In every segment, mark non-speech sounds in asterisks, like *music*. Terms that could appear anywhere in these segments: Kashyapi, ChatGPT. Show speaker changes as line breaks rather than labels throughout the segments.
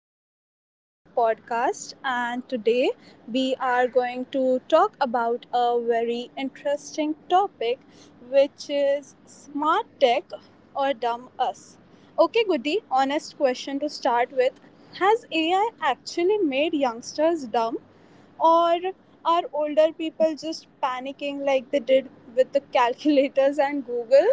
and welcome to my podcast. And today we are going to talk about a very interesting topic which is smart tech or dumb us. Okay, Goody, honest question to start with. Has AI actually made youngsters dumb, or are older people just panicking like they did with the *laughs* calculators and Google?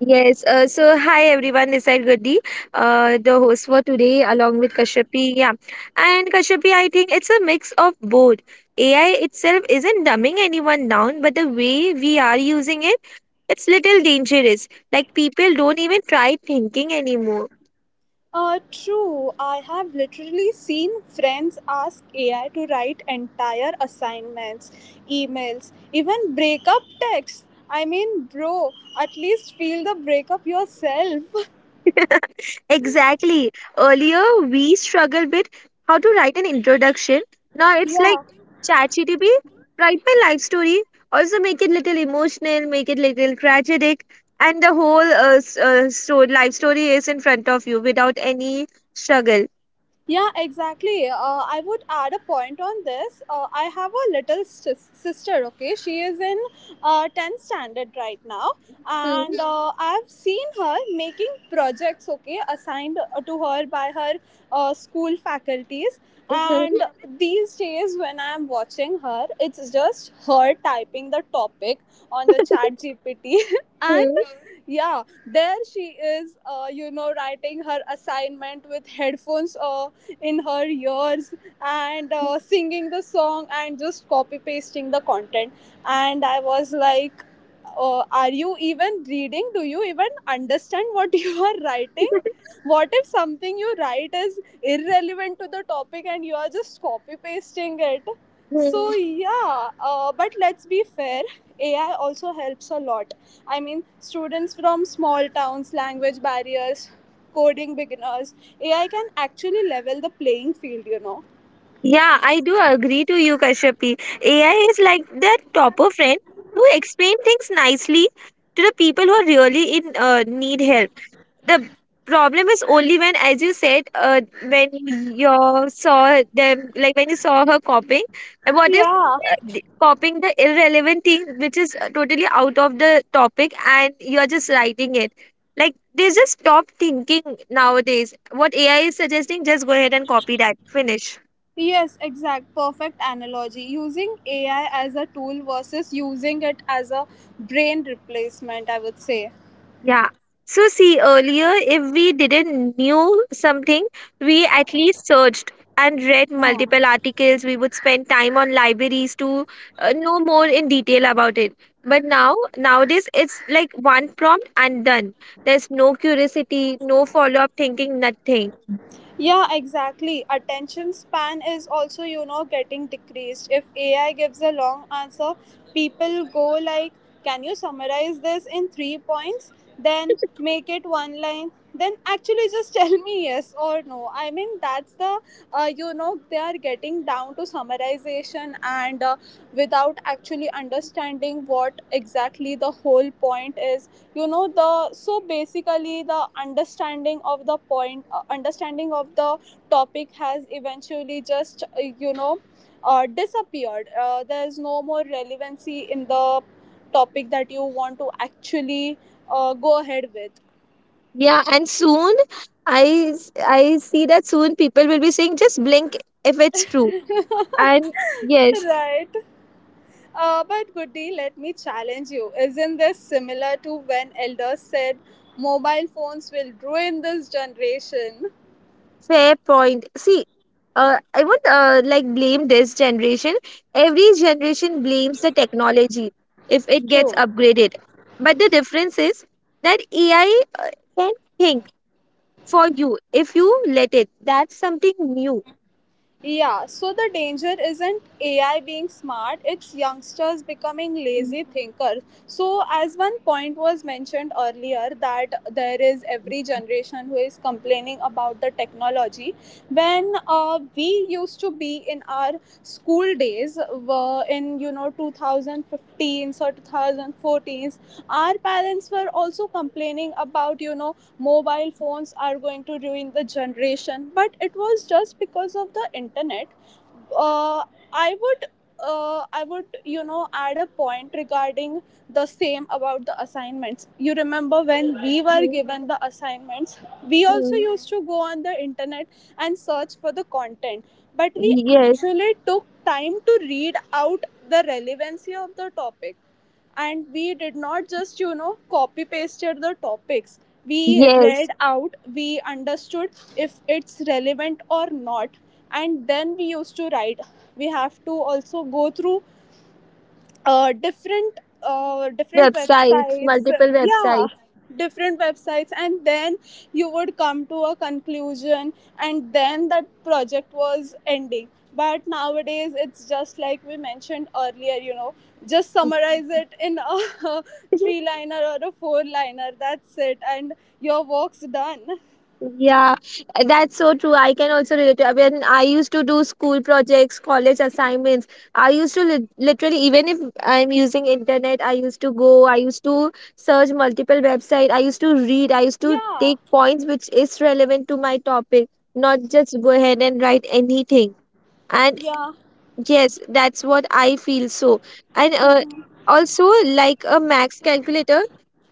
Yes, so hi everyone, this is Goody, the host for today along with Kashyapi. Yeah, and Kashyapi, I think it's a mix of both. AI itself isn't dumbing anyone down, but the way we are using it, it's little dangerous. Like people don't even try thinking anymore.
True, I have literally seen friends ask AI to write entire assignments, emails, even breakup texts. I mean, bro, at least feel the breakup yourself.
*laughs* Exactly. Earlier, we struggled with how to write an introduction. Now it's like ChatGPT, write my life story, also make it little emotional, make it little tragic, and the whole so life story is in front of you without any struggle.
Yeah, exactly. I would add a point on this. I have a little sister, okay? She is in 10th standard right now. And
Hmm,
I've seen her making projects, okay, assigned to her by her school faculties.
mhm,
And these days, when I'm watching her, it's just her typing the topic on the chat GPT. *laughs*
hmm,
And yeah, there she is, you know, writing her assignment with headphones in her ears and singing the song and just copy pasting the content. And I was like, are you even reading? Do you even understand what *laughs* you are writing? What if something you write is irrelevant to the topic and you are just copy pasting it?
hmm.
So yeah, but let's be fair. AI also helps a lot. I mean, students from small towns, language barriers, coding beginners, AI can actually level the playing field, you know.
Yeah, I do agree to you, Kashyapi. AI is like that topper friend who explain things nicely to the people who really in need help. The problem is only when, as you said, when you saw them, like when you saw her copying, and what if
Yeah.
copying the irrelevant thing which is totally out of the topic and you're just writing it, like they just stop thinking nowadays. What AI is suggesting, just go ahead and copy that, finish.
Yes, exact. Perfect analogy. Using AI as a tool versus using it as a brain replacement, I would say.
Yeah. So see, earlier if we didn't knew something, we at least searched and read
Hmm.
multiple articles. We would spend time on libraries to know more in detail about it. But now nowadays it's like one prompt and done. There's no curiosity, no follow-up thinking, nothing.
Yeah, exactly. Attention span is also, you know, getting decreased. If AI gives a long answer, people go like, "Can you summarize this in three points?" Then make it one line. Then actually just *laughs* tell me yes or no. I mean, that's the, you know, they are getting down to summarization and, without actually understanding what exactly the whole point is, you know. The, so basically the understanding of the point, understanding of the topic has eventually just, you know, disappeared. There is no more relevancy in the topic that you want to actually go ahead with.
Yeah, and soon I I see that soon people will be saying just blink if it's true. And yes.
Right. But Goody, let me challenge you, isn't this similar to when elders said mobile phones will ruin this generation?
Fair point. See, I would like blame this generation. Every generation blames the technology if it gets upgraded. But the difference is that AI can think for you if you let it. That's something new.
Yeah, so the danger isn't AI being smart, it's youngsters becoming lazy thinkers. So, as one point was mentioned earlier, that there is every generation who is complaining about the technology. When we used to be in our school days, were in, you know, 2015s or 2014s, our parents were also complaining about, you know, mobile phones are going to ruin the generation, but it was just because of the internet. uh, i would I would, you know, add a point regarding the same about the assignments. You remember when we were
Mhm.
given the assignments, we also
Mhm.
used to go on the internet and search for the content, but we
Yes,
actually took time to read out the relevancy of the topic, and we did not just, you know, copy pasted the topics. We read
yes.
out, we understood if it's relevant or not, and then we used to write. We have to also go through different
Websites,
websites.
multiple
Yeah,
websites.
different websites, and then you would come to a conclusion, and then that project was ending. But nowadays it's just like we mentioned earlier, you know, just summarize it
*laughs*
in a *laughs* three liner or a four liner, that's it, and your work's done.
Yeah, that's so true. I can also relate to when I used to do school projects, college assignments. I used to literally, even if I'm using internet, I used to go, I used to search multiple website, I used to read, I used to
Yeah.
take points which is relevant to my topic, not just go ahead and write anything. And
Yeah,
yes, that's what I feel so. And also, like a max calculator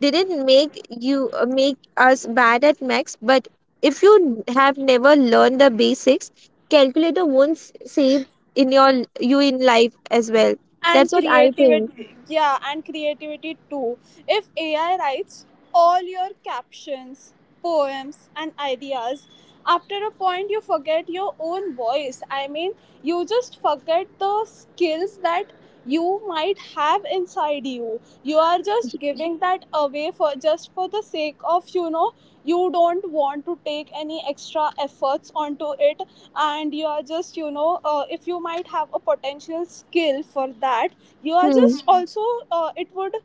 didn't make you make us bad at max, but if you have never learned the basics, calculator won't save in you in life as well. That's
and
what I think.
creativity, yeah, and creativity too. If AI writes all your captions, poems and ideas, after a point you forget your own voice. I mean, you just forget the skills that you might have inside you. You are just giving that away for just for the sake of, you know, you don't want to take any extra efforts onto it. And you are just, you know, if you might have a potential skill for that, you are
Hmm.
just also uh, it would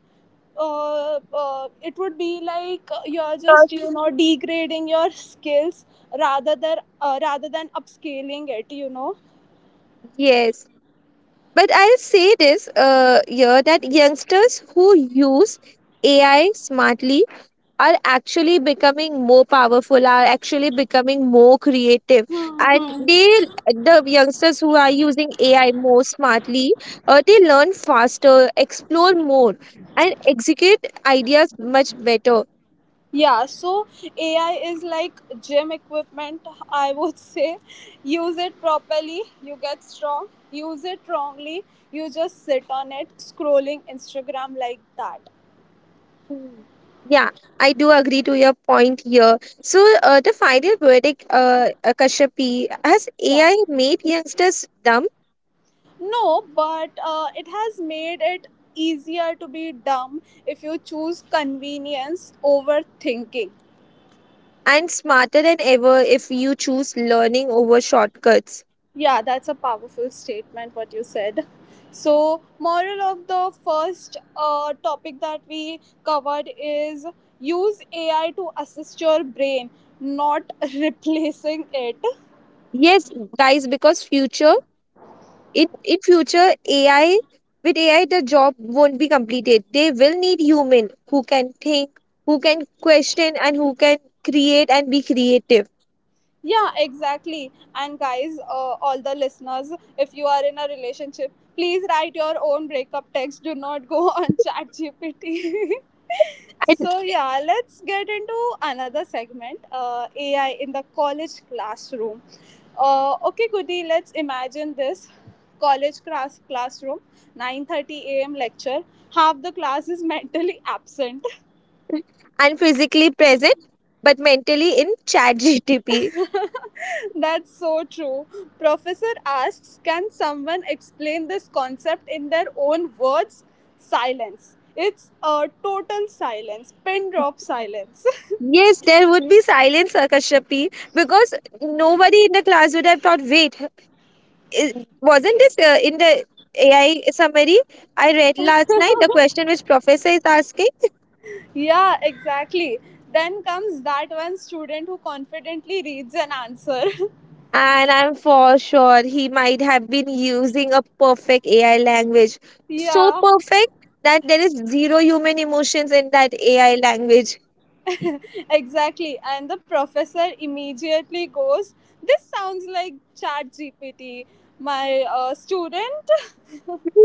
it would be like, you are just, you know, degrading your skills rather than upscaling it, you know.
Yes, but I'll say this here that youngsters who use AI smartly are actually becoming more powerful, are actually becoming more creative, and the youngsters who are using AI more smartly, they learn faster, explore more, and execute ideas much better.
Yeah, so AI is like gym equipment, *laughs* I would say. Use it properly, you get strong; use it wrongly, you just sit on it scrolling Instagram like that.
Hmm, yeah, I do agree to your point here. So the final verdict, Kashyapi, has
Yeah.
AI made youngsters dumb?
No, but it has made it easier to be dumb if you choose convenience over thinking.
And smarter than ever if you choose learning over shortcuts.
Yeah, that's a powerful statement, what you said. So, moral of the first topic that we covered is use AI to assist your brain, not *laughs* replacing it.
Yes, guys, because future in future AI, with AI the job won't be completed. They will need human who can think, who can question, and who can create and be creative.
Yeah, exactly. And guys, all the listeners, if you are in a relationship, please write your own breakup text. Do not go *laughs* on ChatGPT. *laughs*
and,
So yeah, let's get into another segment. AI in the college classroom. Okay, Goody, let's imagine this college classroom, 9:30 a.m. lecture. Half the class is *laughs* mentally absent.
and physically present, but mentally in chat GTP.
*laughs* That's so true. Professor asks, "Can someone explain this concept in their own words?" Silence. It's a total silence, pin drop silence.
Yes, there would be silence, Kashyapi, because nobody in the class would have thought, wait, i- wasn't this in the AI summary I read last night? The question which professor is asking.
*laughs* Yeah, exactly. Then comes that one student who confidently reads an answer.
And I'm for sure he might have been using a perfect AI language.
*laughs*
So
Yeah,
perfect that there is zero human emotions in that AI language.
exactly. And the professor immediately goes, "This sounds like Chat GPT." My student. *laughs*
*laughs*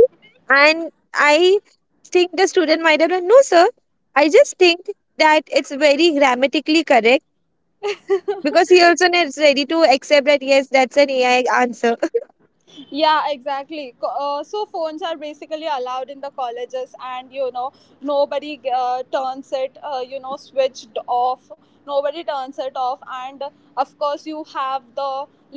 And I think the student might have done, no, sir. I just think that it's very grammatically correct because he also is ready to accept that, yes, that's an AI answer.
Yeah, exactly. So phones are basically allowed in the colleges, and you know nobody you know, switched off. Nobody turns it off, and of course you have the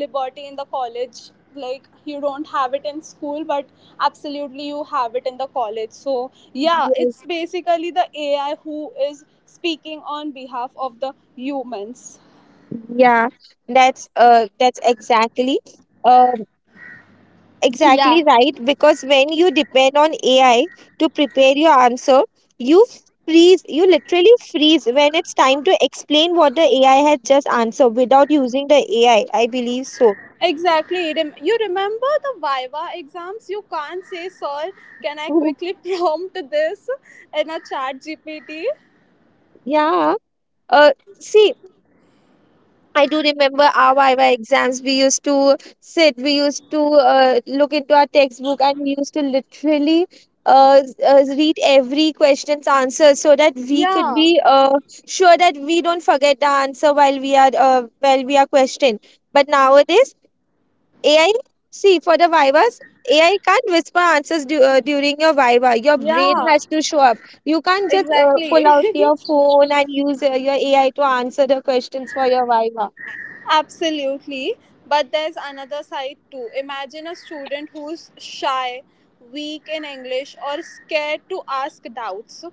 liberty in the college. Like you don't have it in school, but absolutely you have it in the college. So yeah, it's
*laughs*
basically the AI who is speaking on behalf of the humans.
Yes. That's exactly. Um
Yeah.
Exactly right, because when you depend on AI to prepare your answer, you freeze, you literally freeze when it's time to explain what the AI has just answered without using the AI. I believe so.
Exactly. You remember the Viva exams? You can't say, "Sir, can I
*laughs*
quickly *laughs* prompt this in a chat GPT?"
Yeah. Uh, See, I do remember our Viva exams. We used to sit, we used to look into our textbook, and we used to literally read every question's answer so that we could
Yeah.
be sure that we don't forget the answer while we are questioned. But nowadays, AI, see, for the Vivas, AI can't whisper answers during your Viva. Your brain
Yeah.
has to show up. You can't just pull
Exactly.
out your phone and use your AI to answer the questions for your Viva.
*laughs* Absolutely. But there's another side too. Imagine a student who's shy, weak in English, or scared to ask doubts.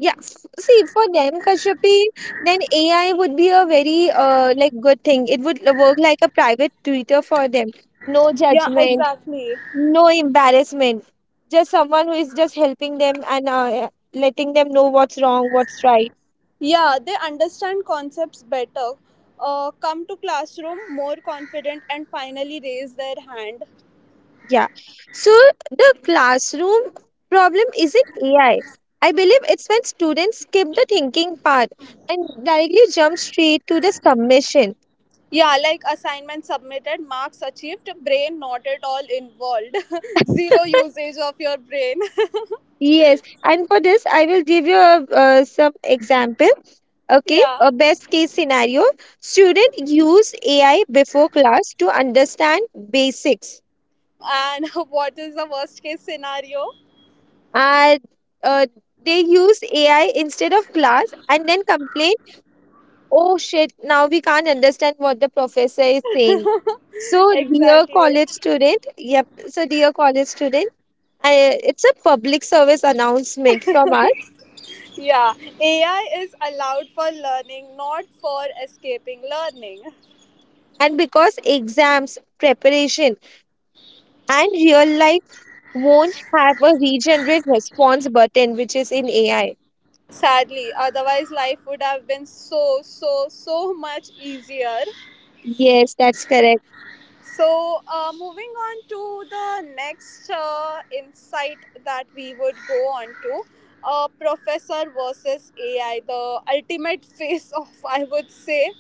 Yeah, see, for them, Kashyapi, then AI would be a very like good thing. It would work like a private tutor for them. No
Yeah,
judgment,
exactly.
no embarrassment. Just someone who is just helping them and letting them know what's wrong, what's right.
Yeah, they understand concepts better, come to classroom more confident, and finally raise their hand.
Yeah. So the classroom problem isn't AI. I believe it's when students skip the thinking part and directly jump straight to the submission.
Yeah, like assignment submitted, marks achieved, brain not at all involved, *laughs* zero usage of your brain.
Yes, and for this, I will give you a, some example. Okay,
*laughs* Yeah,
a best case scenario: student use AI before class to understand basics,
and *laughs* what is the worst case scenario?
and uh, they use AI instead of class, and then complain, "Oh shit! Now we can't understand what the professor is saying." So, dear
Exactly.
college student, yep. So, dear college student, it's a public service announcement from us,
Yeah, AI is allowed for learning, not for escaping learning.
and because exams preparation and real life won't have a regenerate response button, which is in AI.
Sadly, otherwise, life would have been so, so, so much easier.
Yes, that's correct.
So, moving on to the next insight that we would go on to, Professor versus AI, the ultimate *laughs* face off, I would say.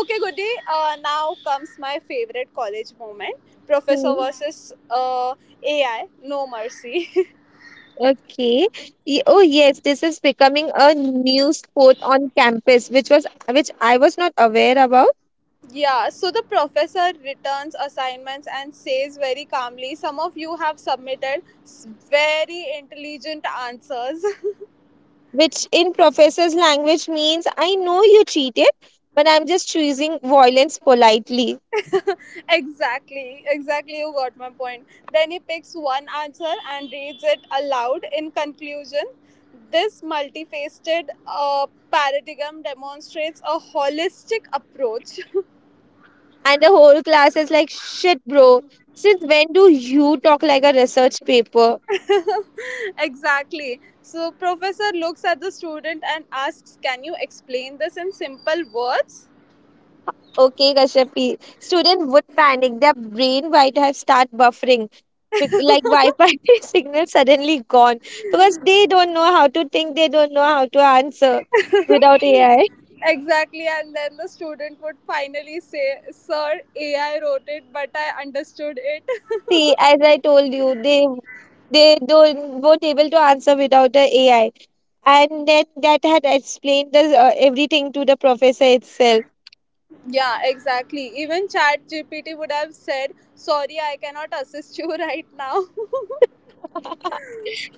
Okay, Goody, now comes my favorite college moment, Professor
Hmm,
versus AI, no mercy.
Okay. Oh, yes, this is becoming a new sport on campus, which was which I was not aware about.
*laughs* Yeah, so the professor returns assignments and says very calmly, "Some of you have submitted very intelligent answers." *laughs*
Which in professor's language means I know you cheated, but I'm just choosing violence politely.
Exactly, exactly. You got my point. Then he picks one answer and reads it aloud. "In conclusion, this multifaceted paradigm demonstrates a holistic approach."
And the whole class is like, shit, bro. Since when do you talk like a research paper?
*laughs* Exactly. So, professor looks at the student and asks, "Can you explain this in simple words?"
Okay, Kashyapi. Student would panic. Their brain might have start buffering. Like Wi-Fi *laughs* signal suddenly gone because they don't know how to think. They don't know how to answer without AI.
Exactly, and then the student would finally say, "Sir, AI wrote it, but I understood it."
See, as I told you, they don't weren't able to answer without the AI, and then that had explained the, everything to the professor itself.
Yeah, exactly. Even Chat GPT would have said, "Sorry, I cannot assist you *laughs* right now."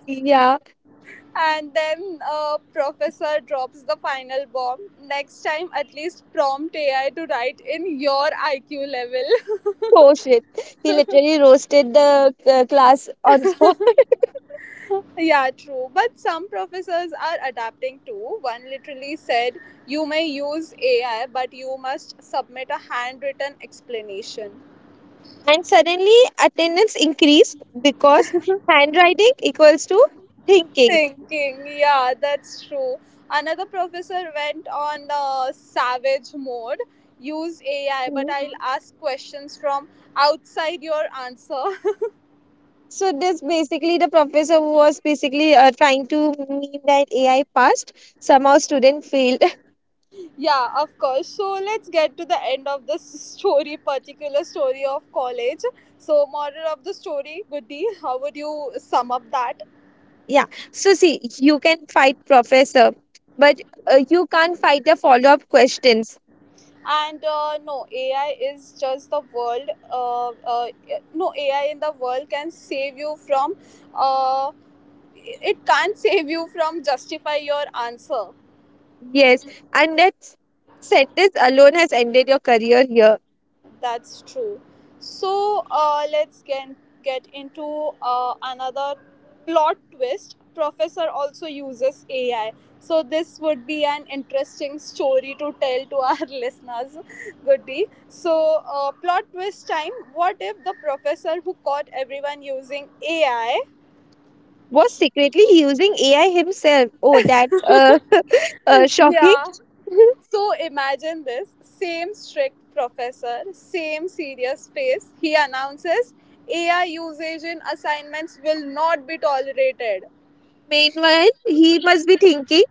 Yeah,
*laughs* And then Professor drops the final bomb. "Next time, at least prompt AI to write in your IQ level." *laughs*
oh shit! He literally roasted the class on *laughs* spot.
Yeah, true. But some professors are adapting too. One literally said, "You may use AI, but you must submit a handwritten explanation."
And suddenly attendance increased because handwriting equals to thinking.
Thinking. Yeah, that's true. Another professor went on a savage mode. "Use AI, but
Mhm.
I'll ask questions from outside your answer."
So this basically the professor was basically trying to mean that AI passed. Somehow student failed. *laughs*
*laughs* Yeah, of course. So let's get to the end of this story, particular story of college. So, moral of the story, Goody, how would you sum up that?
Yeah. So see, you can fight professor, but you can't fight the follow up questions.
And no, AI is just the world. No, AI in the world can save you from. Uh, it can't save you from justify your answer.
Yes, and that sentence alone has ended your career here.
That's true. So let's get into another plot twist, professor also uses AI. So this would be an interesting story to tell to our *laughs* listeners, Goody. So plot twist time, what if the professor who caught everyone using AI?
Was secretly using AI himself. Oh, that's shocking.
Yeah.
*laughs*
So imagine this same strict professor, same serious face. He announces, "AI usage in assignments will not be tolerated."
Meanwhile, he must be thinking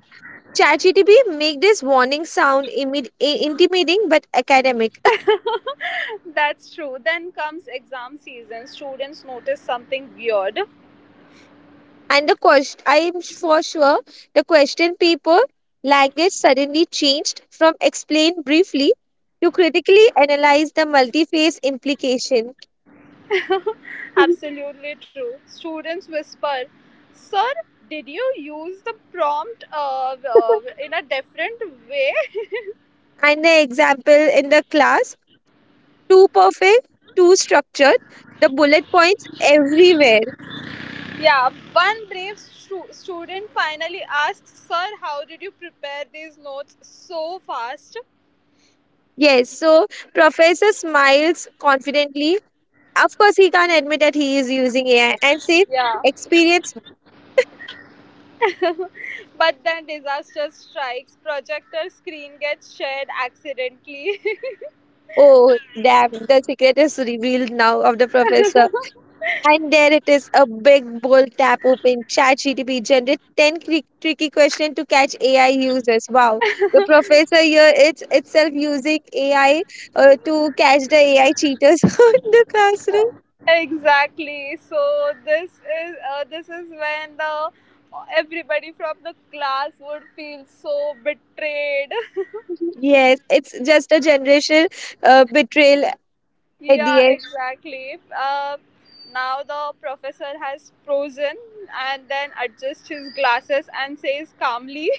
ChatGTP make this warning sound intimidating but academic.
That's true. Then comes exam season. Students notice something weird.
*laughs* And the question, I am for sure, the question paper language suddenly changed from explain briefly to critically analyze the multi-phase implication.
Absolutely true. Students whisper, "Sir, did you use the prompt
*laughs*
in a different way?"
And the example in the class, too perfect, too structured, the bullet points everywhere.
Yeah, one brave student finally asks, "Sir, how did you prepare these notes so fast?"
Yes, so professor smiles confidently. Of course, he can't admit that he is using AI and says,
Yeah.
experience.
But then disaster strikes, projector screen gets shared accidentally.
Oh, damn, the secret is revealed now of the professor. And there it is, a big bold tap open. ChatGTP generate 10 tricky questions to catch AI users. Wow. The professor here is itself using AI to catch the AI cheaters *laughs* in the classroom.
*laughs* Exactly. So this is, when the everybody from the class would feel so betrayed.
Yes, it's just a generation betrayal at the
Yeah,
end.
exactly. Now the professor has frozen and then adjusts his glasses and says calmly.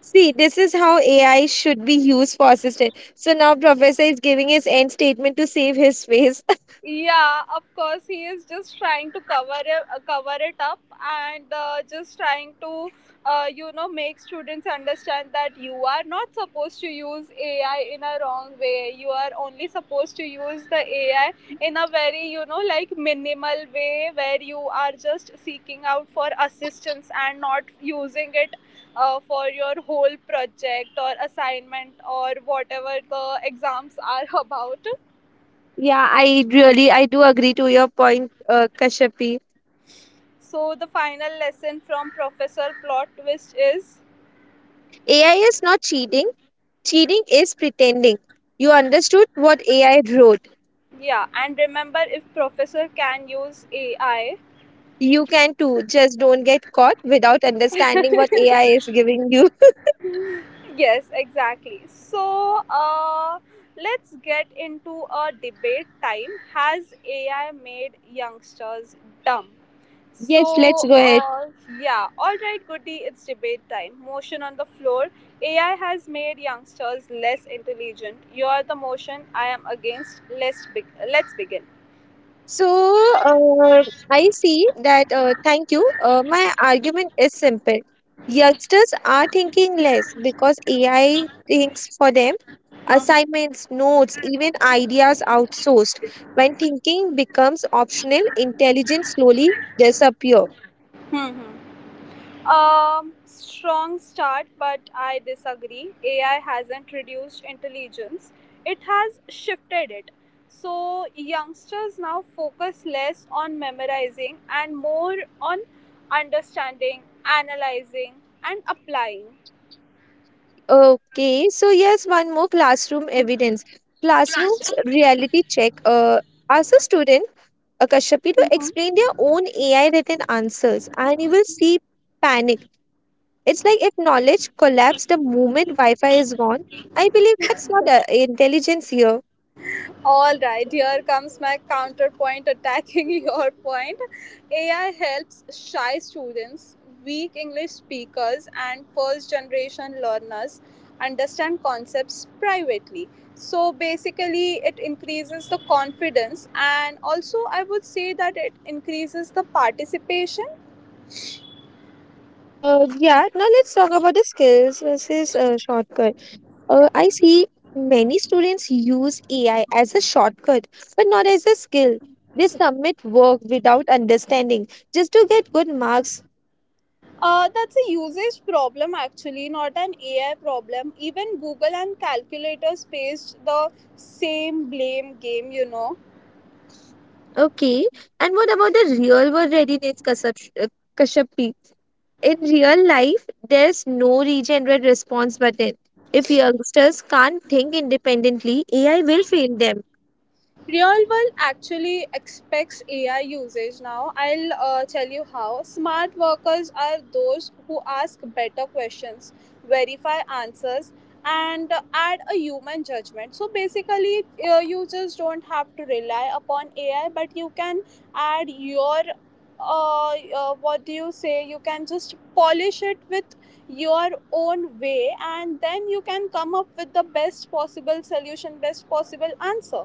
See, this is how AI should be used for assistant. So now Professor is giving his end statement to save his face.
Yeah, of course, he is just trying to cover it up and just trying to, make students understand that you are not supposed to use AI in a wrong way. You are only supposed to use the AI in a very, like minimal way where you are just seeking out for assistance and not using it. For your whole project or assignment or whatever the exams are *laughs* about.
*laughs* Yeah, I really I do agree to your point, Kashyapi.
So the final lesson from Professor Plot Twist is,
AI is not cheating. Cheating is pretending. You understood what AI wrote.
yeah, and remember if Professor can use AI.
You can too. Just don't get caught without understanding what AI is giving you. *laughs*
Yes, exactly. So let's get into a debate time. Has AI made youngsters dumb?
Yes, let's
So
go ahead.
uh, yeah, all right, goody, it's debate time. Motion on the floor. AI has made youngsters less intelligent. You are the motion. I am against. Let's begin.
So uh, I see that. Thank you. My argument is simple. Youngsters are thinking less because AI thinks for them.
*laughs*
Assignments, notes, even ideas outsourced. When thinking becomes optional, intelligence slowly disappear.
Hmm. Hmm. Strong start, but I disagree. AI hasn't reduced intelligence, it has shifted it. So, youngsters now focus less on memorizing and more on understanding, analyzing, and applying.
Okay, so yes, one more classroom evidence. Classrooms reality check. Ask a student, a Kashyapi, to explain their own AI written answers, and you will see panic. It's like if knowledge collapsed the moment Wi Fi is gone. I believe that's not intelligence here.
All right, here comes my counterpoint attacking *laughs* your point. AI helps shy students, weak English speakers, and first generation learners understand concepts privately. So basically, it increases the confidence, and also I would say that it increases the participation.
Yeah, now let's talk about the skills versus shortcut.
Yeah.
I see many students use AI as a shortcut, but not as a skill. They submit work without understanding just to get good marks.
That's a usage problem actually, not an AI problem. Even Google and calculators faced the same blame game.
Okay, and what about the real world readiness, Kashyap? Kashyapi? In real life, there's no regenerate response button. If youngsters can't think independently, AI will fail them.
Real world actually expects AI usage now. I'll tell you how. Smart workers are those who ask better questions, verify answers, and add a human judgment. So basically, you just don't have to rely upon AI, but you can add your what do you say? You can just polish it with your own way, and then you can come up with the best possible solution, best possible answer.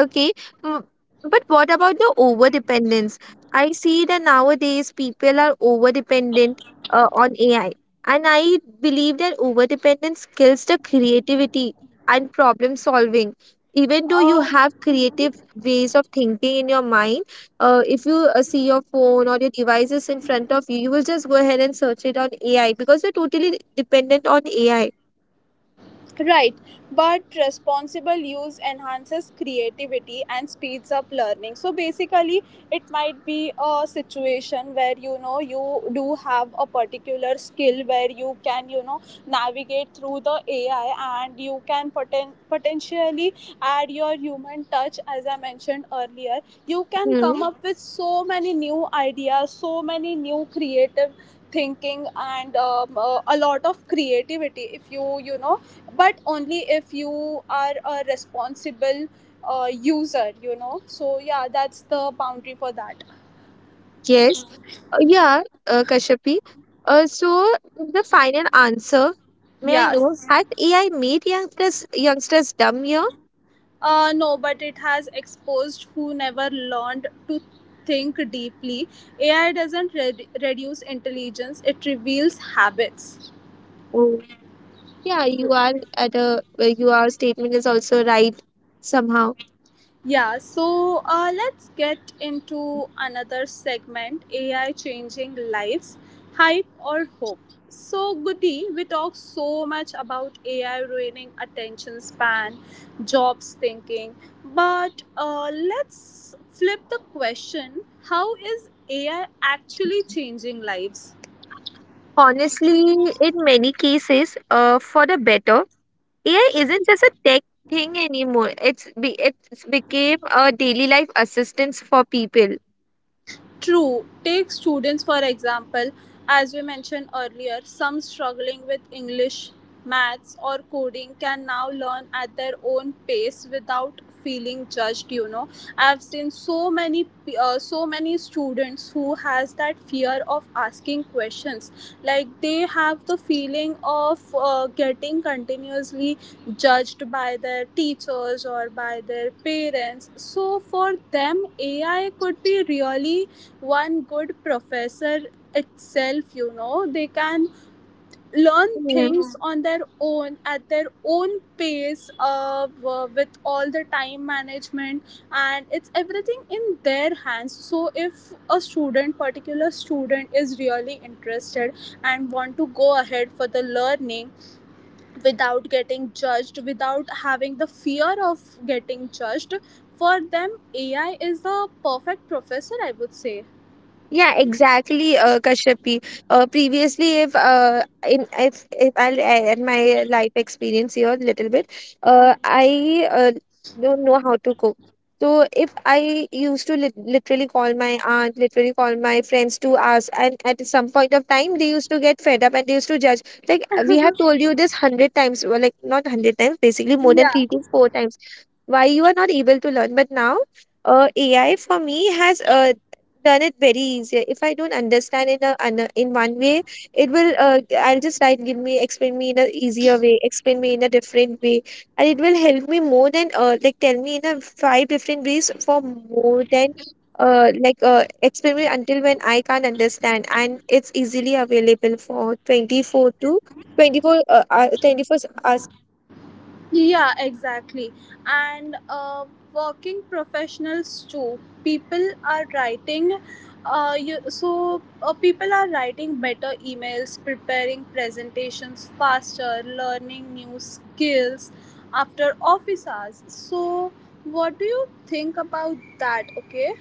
Okay, mm, but what about the over dependence? I see that nowadays people are over dependent on AI, and I believe that over dependence kills the creativity and problem solving. Even though you have creative ways of thinking in your mind, if you see your phone or your devices in front of you, you will just go ahead and search it on AI because you're totally dependent on AI.
Right, but responsible use enhances creativity and speeds up learning. So basically, it might be a situation where you know you do have a particular skill where you can you know navigate through the AI and you can potentially add your human touch, as I mentioned earlier. You can come up with so many new ideas, so many new creative thinking and a lot of creativity if you you know, but only if you are a responsible user you know, so yeah, that's the boundary for that.
Yes, yeah, Kashyapi. So the final answer, may I know,
Yes,
has AI made youngsters dumb here?
no, but it has exposed who never learned to think deeply. AI doesn't reduce intelligence, it reveals habits.
Oh, yeah, you are at a your statement is also right somehow.
Yeah, so let's get into another segment, AI changing lives, hype or hope. So, Goody, we talk so much about AI ruining attention span, jobs thinking, but let's flip the question, how is AI actually changing lives?
Honestly, in many cases, for the better, AI isn't just a tech thing anymore. It's became a daily life assistance for people.
True, take students for example, as we mentioned earlier, some struggling with English, maths, or coding can now learn at their own pace without feeling judged, you know. I've seen so many so many students who has that fear of asking questions, like they have the feeling of getting continuously judged by their teachers or by their parents, so for them AI could be really one good professor itself, you know, they can learn things. Mhm. On their own at their own pace, with all the time management and it's everything in their hands, so if a student particular student is really interested and want to go ahead for the learning without getting judged, without having the fear of getting judged, for them AI is the perfect professor, I would say.
Yeah, exactly, Kashyapi. Previously, if in if if I'll add my life experience here a little bit, I don't know how to cook. So if I used to literally call my aunt, literally call my friends to ask, and at some point of time, they used to get fed up and they used to judge. Like we have told you this hundred times, well, like not hundred times, basically more than
Yeah.
three to four times why you are not able to learn. But now, AI for me has done it very easier. If I don't understand in one way, it will. I'll just write, give me, explain me in a easier way, explain me in a different way, and it will help me more than like tell me in a five different ways for more than. Explain me until when I can't understand, and it's easily available for 24 to 24 24.
Yeah, exactly. And working professionals too. People are writing, you, so people are writing better emails, preparing presentations faster, learning new skills after office hours. So, what do you think about that? Okay.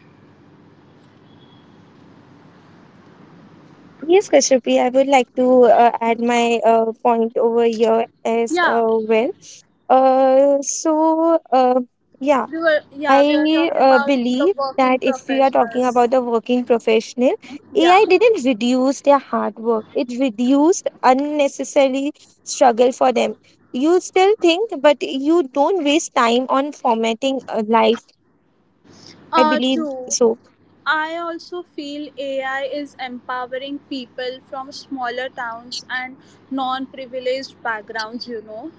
Yes, Kashyapi, I would like to add my point over here as
Yeah,
uh, well. Uh, so, uh, yeah,
we were. Yeah, we are
I
talking
uh,
about the
believe that
working
if we are talking
professionals.
about the working professional,
Yeah.
AI didn't reduce their hard work. It reduced unnecessary struggle for them. You still think, but you don't waste time on formatting a life. I believe
True.
so.
I also feel AI is empowering people from smaller towns and non privileged backgrounds, you know.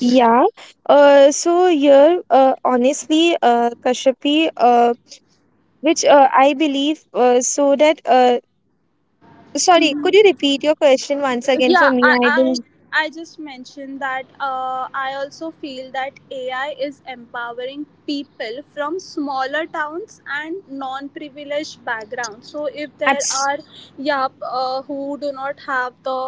Yeah. So here, honestly, Kashyapi, which I believe, sorry, could you repeat your question once again for
yeah
me?
i
I
i,
didn't.
I just mentioned that I also feel that AI is empowering people from smaller towns and non-privileged backgrounds, so if there
Abs-
are, yeah, who do not have the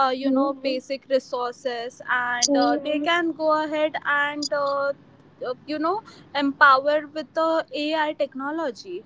Hmm,
Mhm. basic resources and
hmm.
they Mhm. can go ahead and uh, you know empower with the AI technology.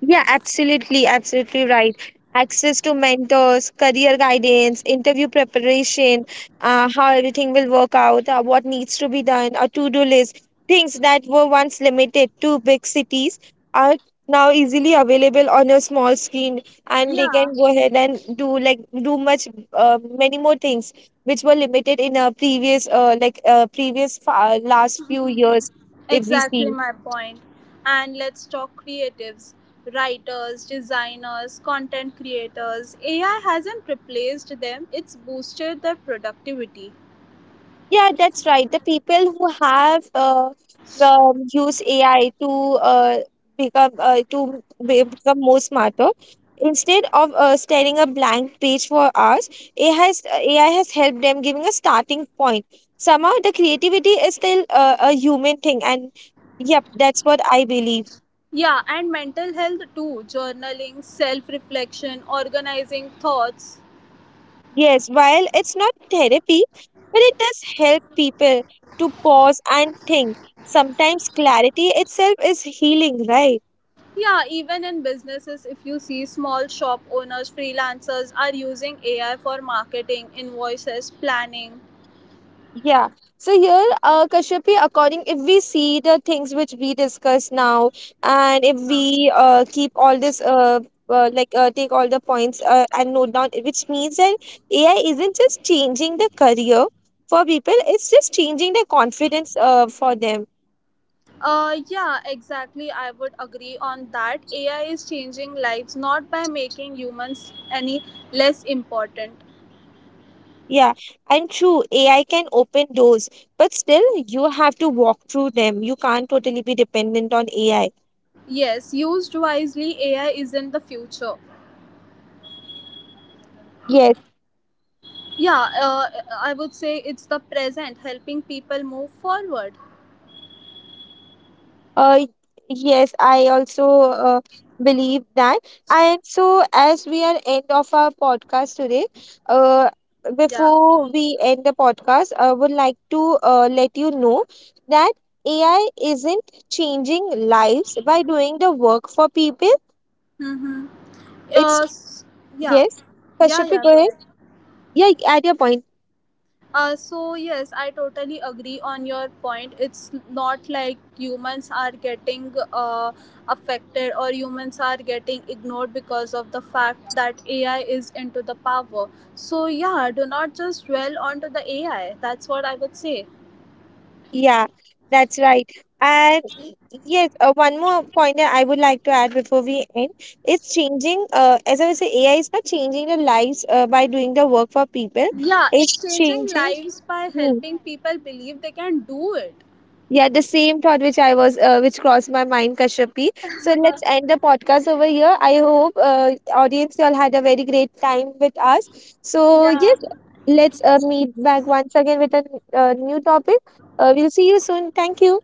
Yeah, absolutely, absolutely right. Access to mentors, career guidance, interview preparation, how everything will work out, what needs to be done, a to do list, things that were once limited to big cities are now easily available on a small screen and they
Yeah.
can go ahead and do like do much many more things which were limited in a previous, last few years if we see.
Exactly my point. And let's talk creatives, writers, designers, content creators. AI hasn't replaced them, it's boosted their productivity.
Yeah, that's right. The people who have use AI to uh, become more smarter. Instead of staring a blank page for hours, AI has helped them giving a starting point. Somehow, the creativity is still a human thing, and yep, that's what I believe.
Yeah, and mental health too, journaling, self reflection, organizing thoughts.
Yes, while it's not therapy, but it does help people to pause and think. Sometimes clarity itself is healing, right?
Yeah, even in businesses, if you see small shop owners, freelancers are using AI for marketing, invoices, planning.
Yeah. So here, Kashyapi, according if we see the things which we discuss now, and if we keep all this take all the points and note down, which means that AI isn't just changing the career for people; it's just changing the confidence for them.
Yeah, exactly. I would agree on that. AI is changing lives not by making humans any less important.
Yeah, and true, AI can open doors, but still you have to walk through them. You can't totally be dependent on AI.
Yes, used wisely, AI isn't the future.
Yes.
Yeah, I would say it's the present, helping people move forward.
Uh, yes, I also uh, believe that. And so, as we are end of our podcast today, uh,
Yeah.
before we end the podcast, I would like to let you know that AI isn't changing lives by doing the work for people.
Mm-hmm.
It's
Uh, s- yeah.
yes,
Yeah,
Kashyapi,
yeah,
go
go
ahead.
ahead.
Yeah, add your point.
So yes, I totally agree on your point. It's not like humans are getting affected or humans are getting ignored because of the fact that AI is into the power. So yeah, do not just dwell onto the AI. That's what I would say.
Yeah, that's right. And yes, one more point that I would like to add before we end. It's changing, as I was saying, AI is not changing the lives by doing the work for people.
Yeah,
It's
it's changing
changing.
lives by
Hmm.
helping people believe they can do it.
Yeah, the same thought which I was, which crossed my mind, Kashyapi. So let's end the podcast over here. I hope, audience, y'all had a very great time with us. So
Yeah.
yes, let's meet back once again with a new topic. We'll see you soon. Thank you.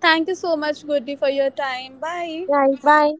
Thank you so much, Goody, for your time. Bye.
Bye. Bye.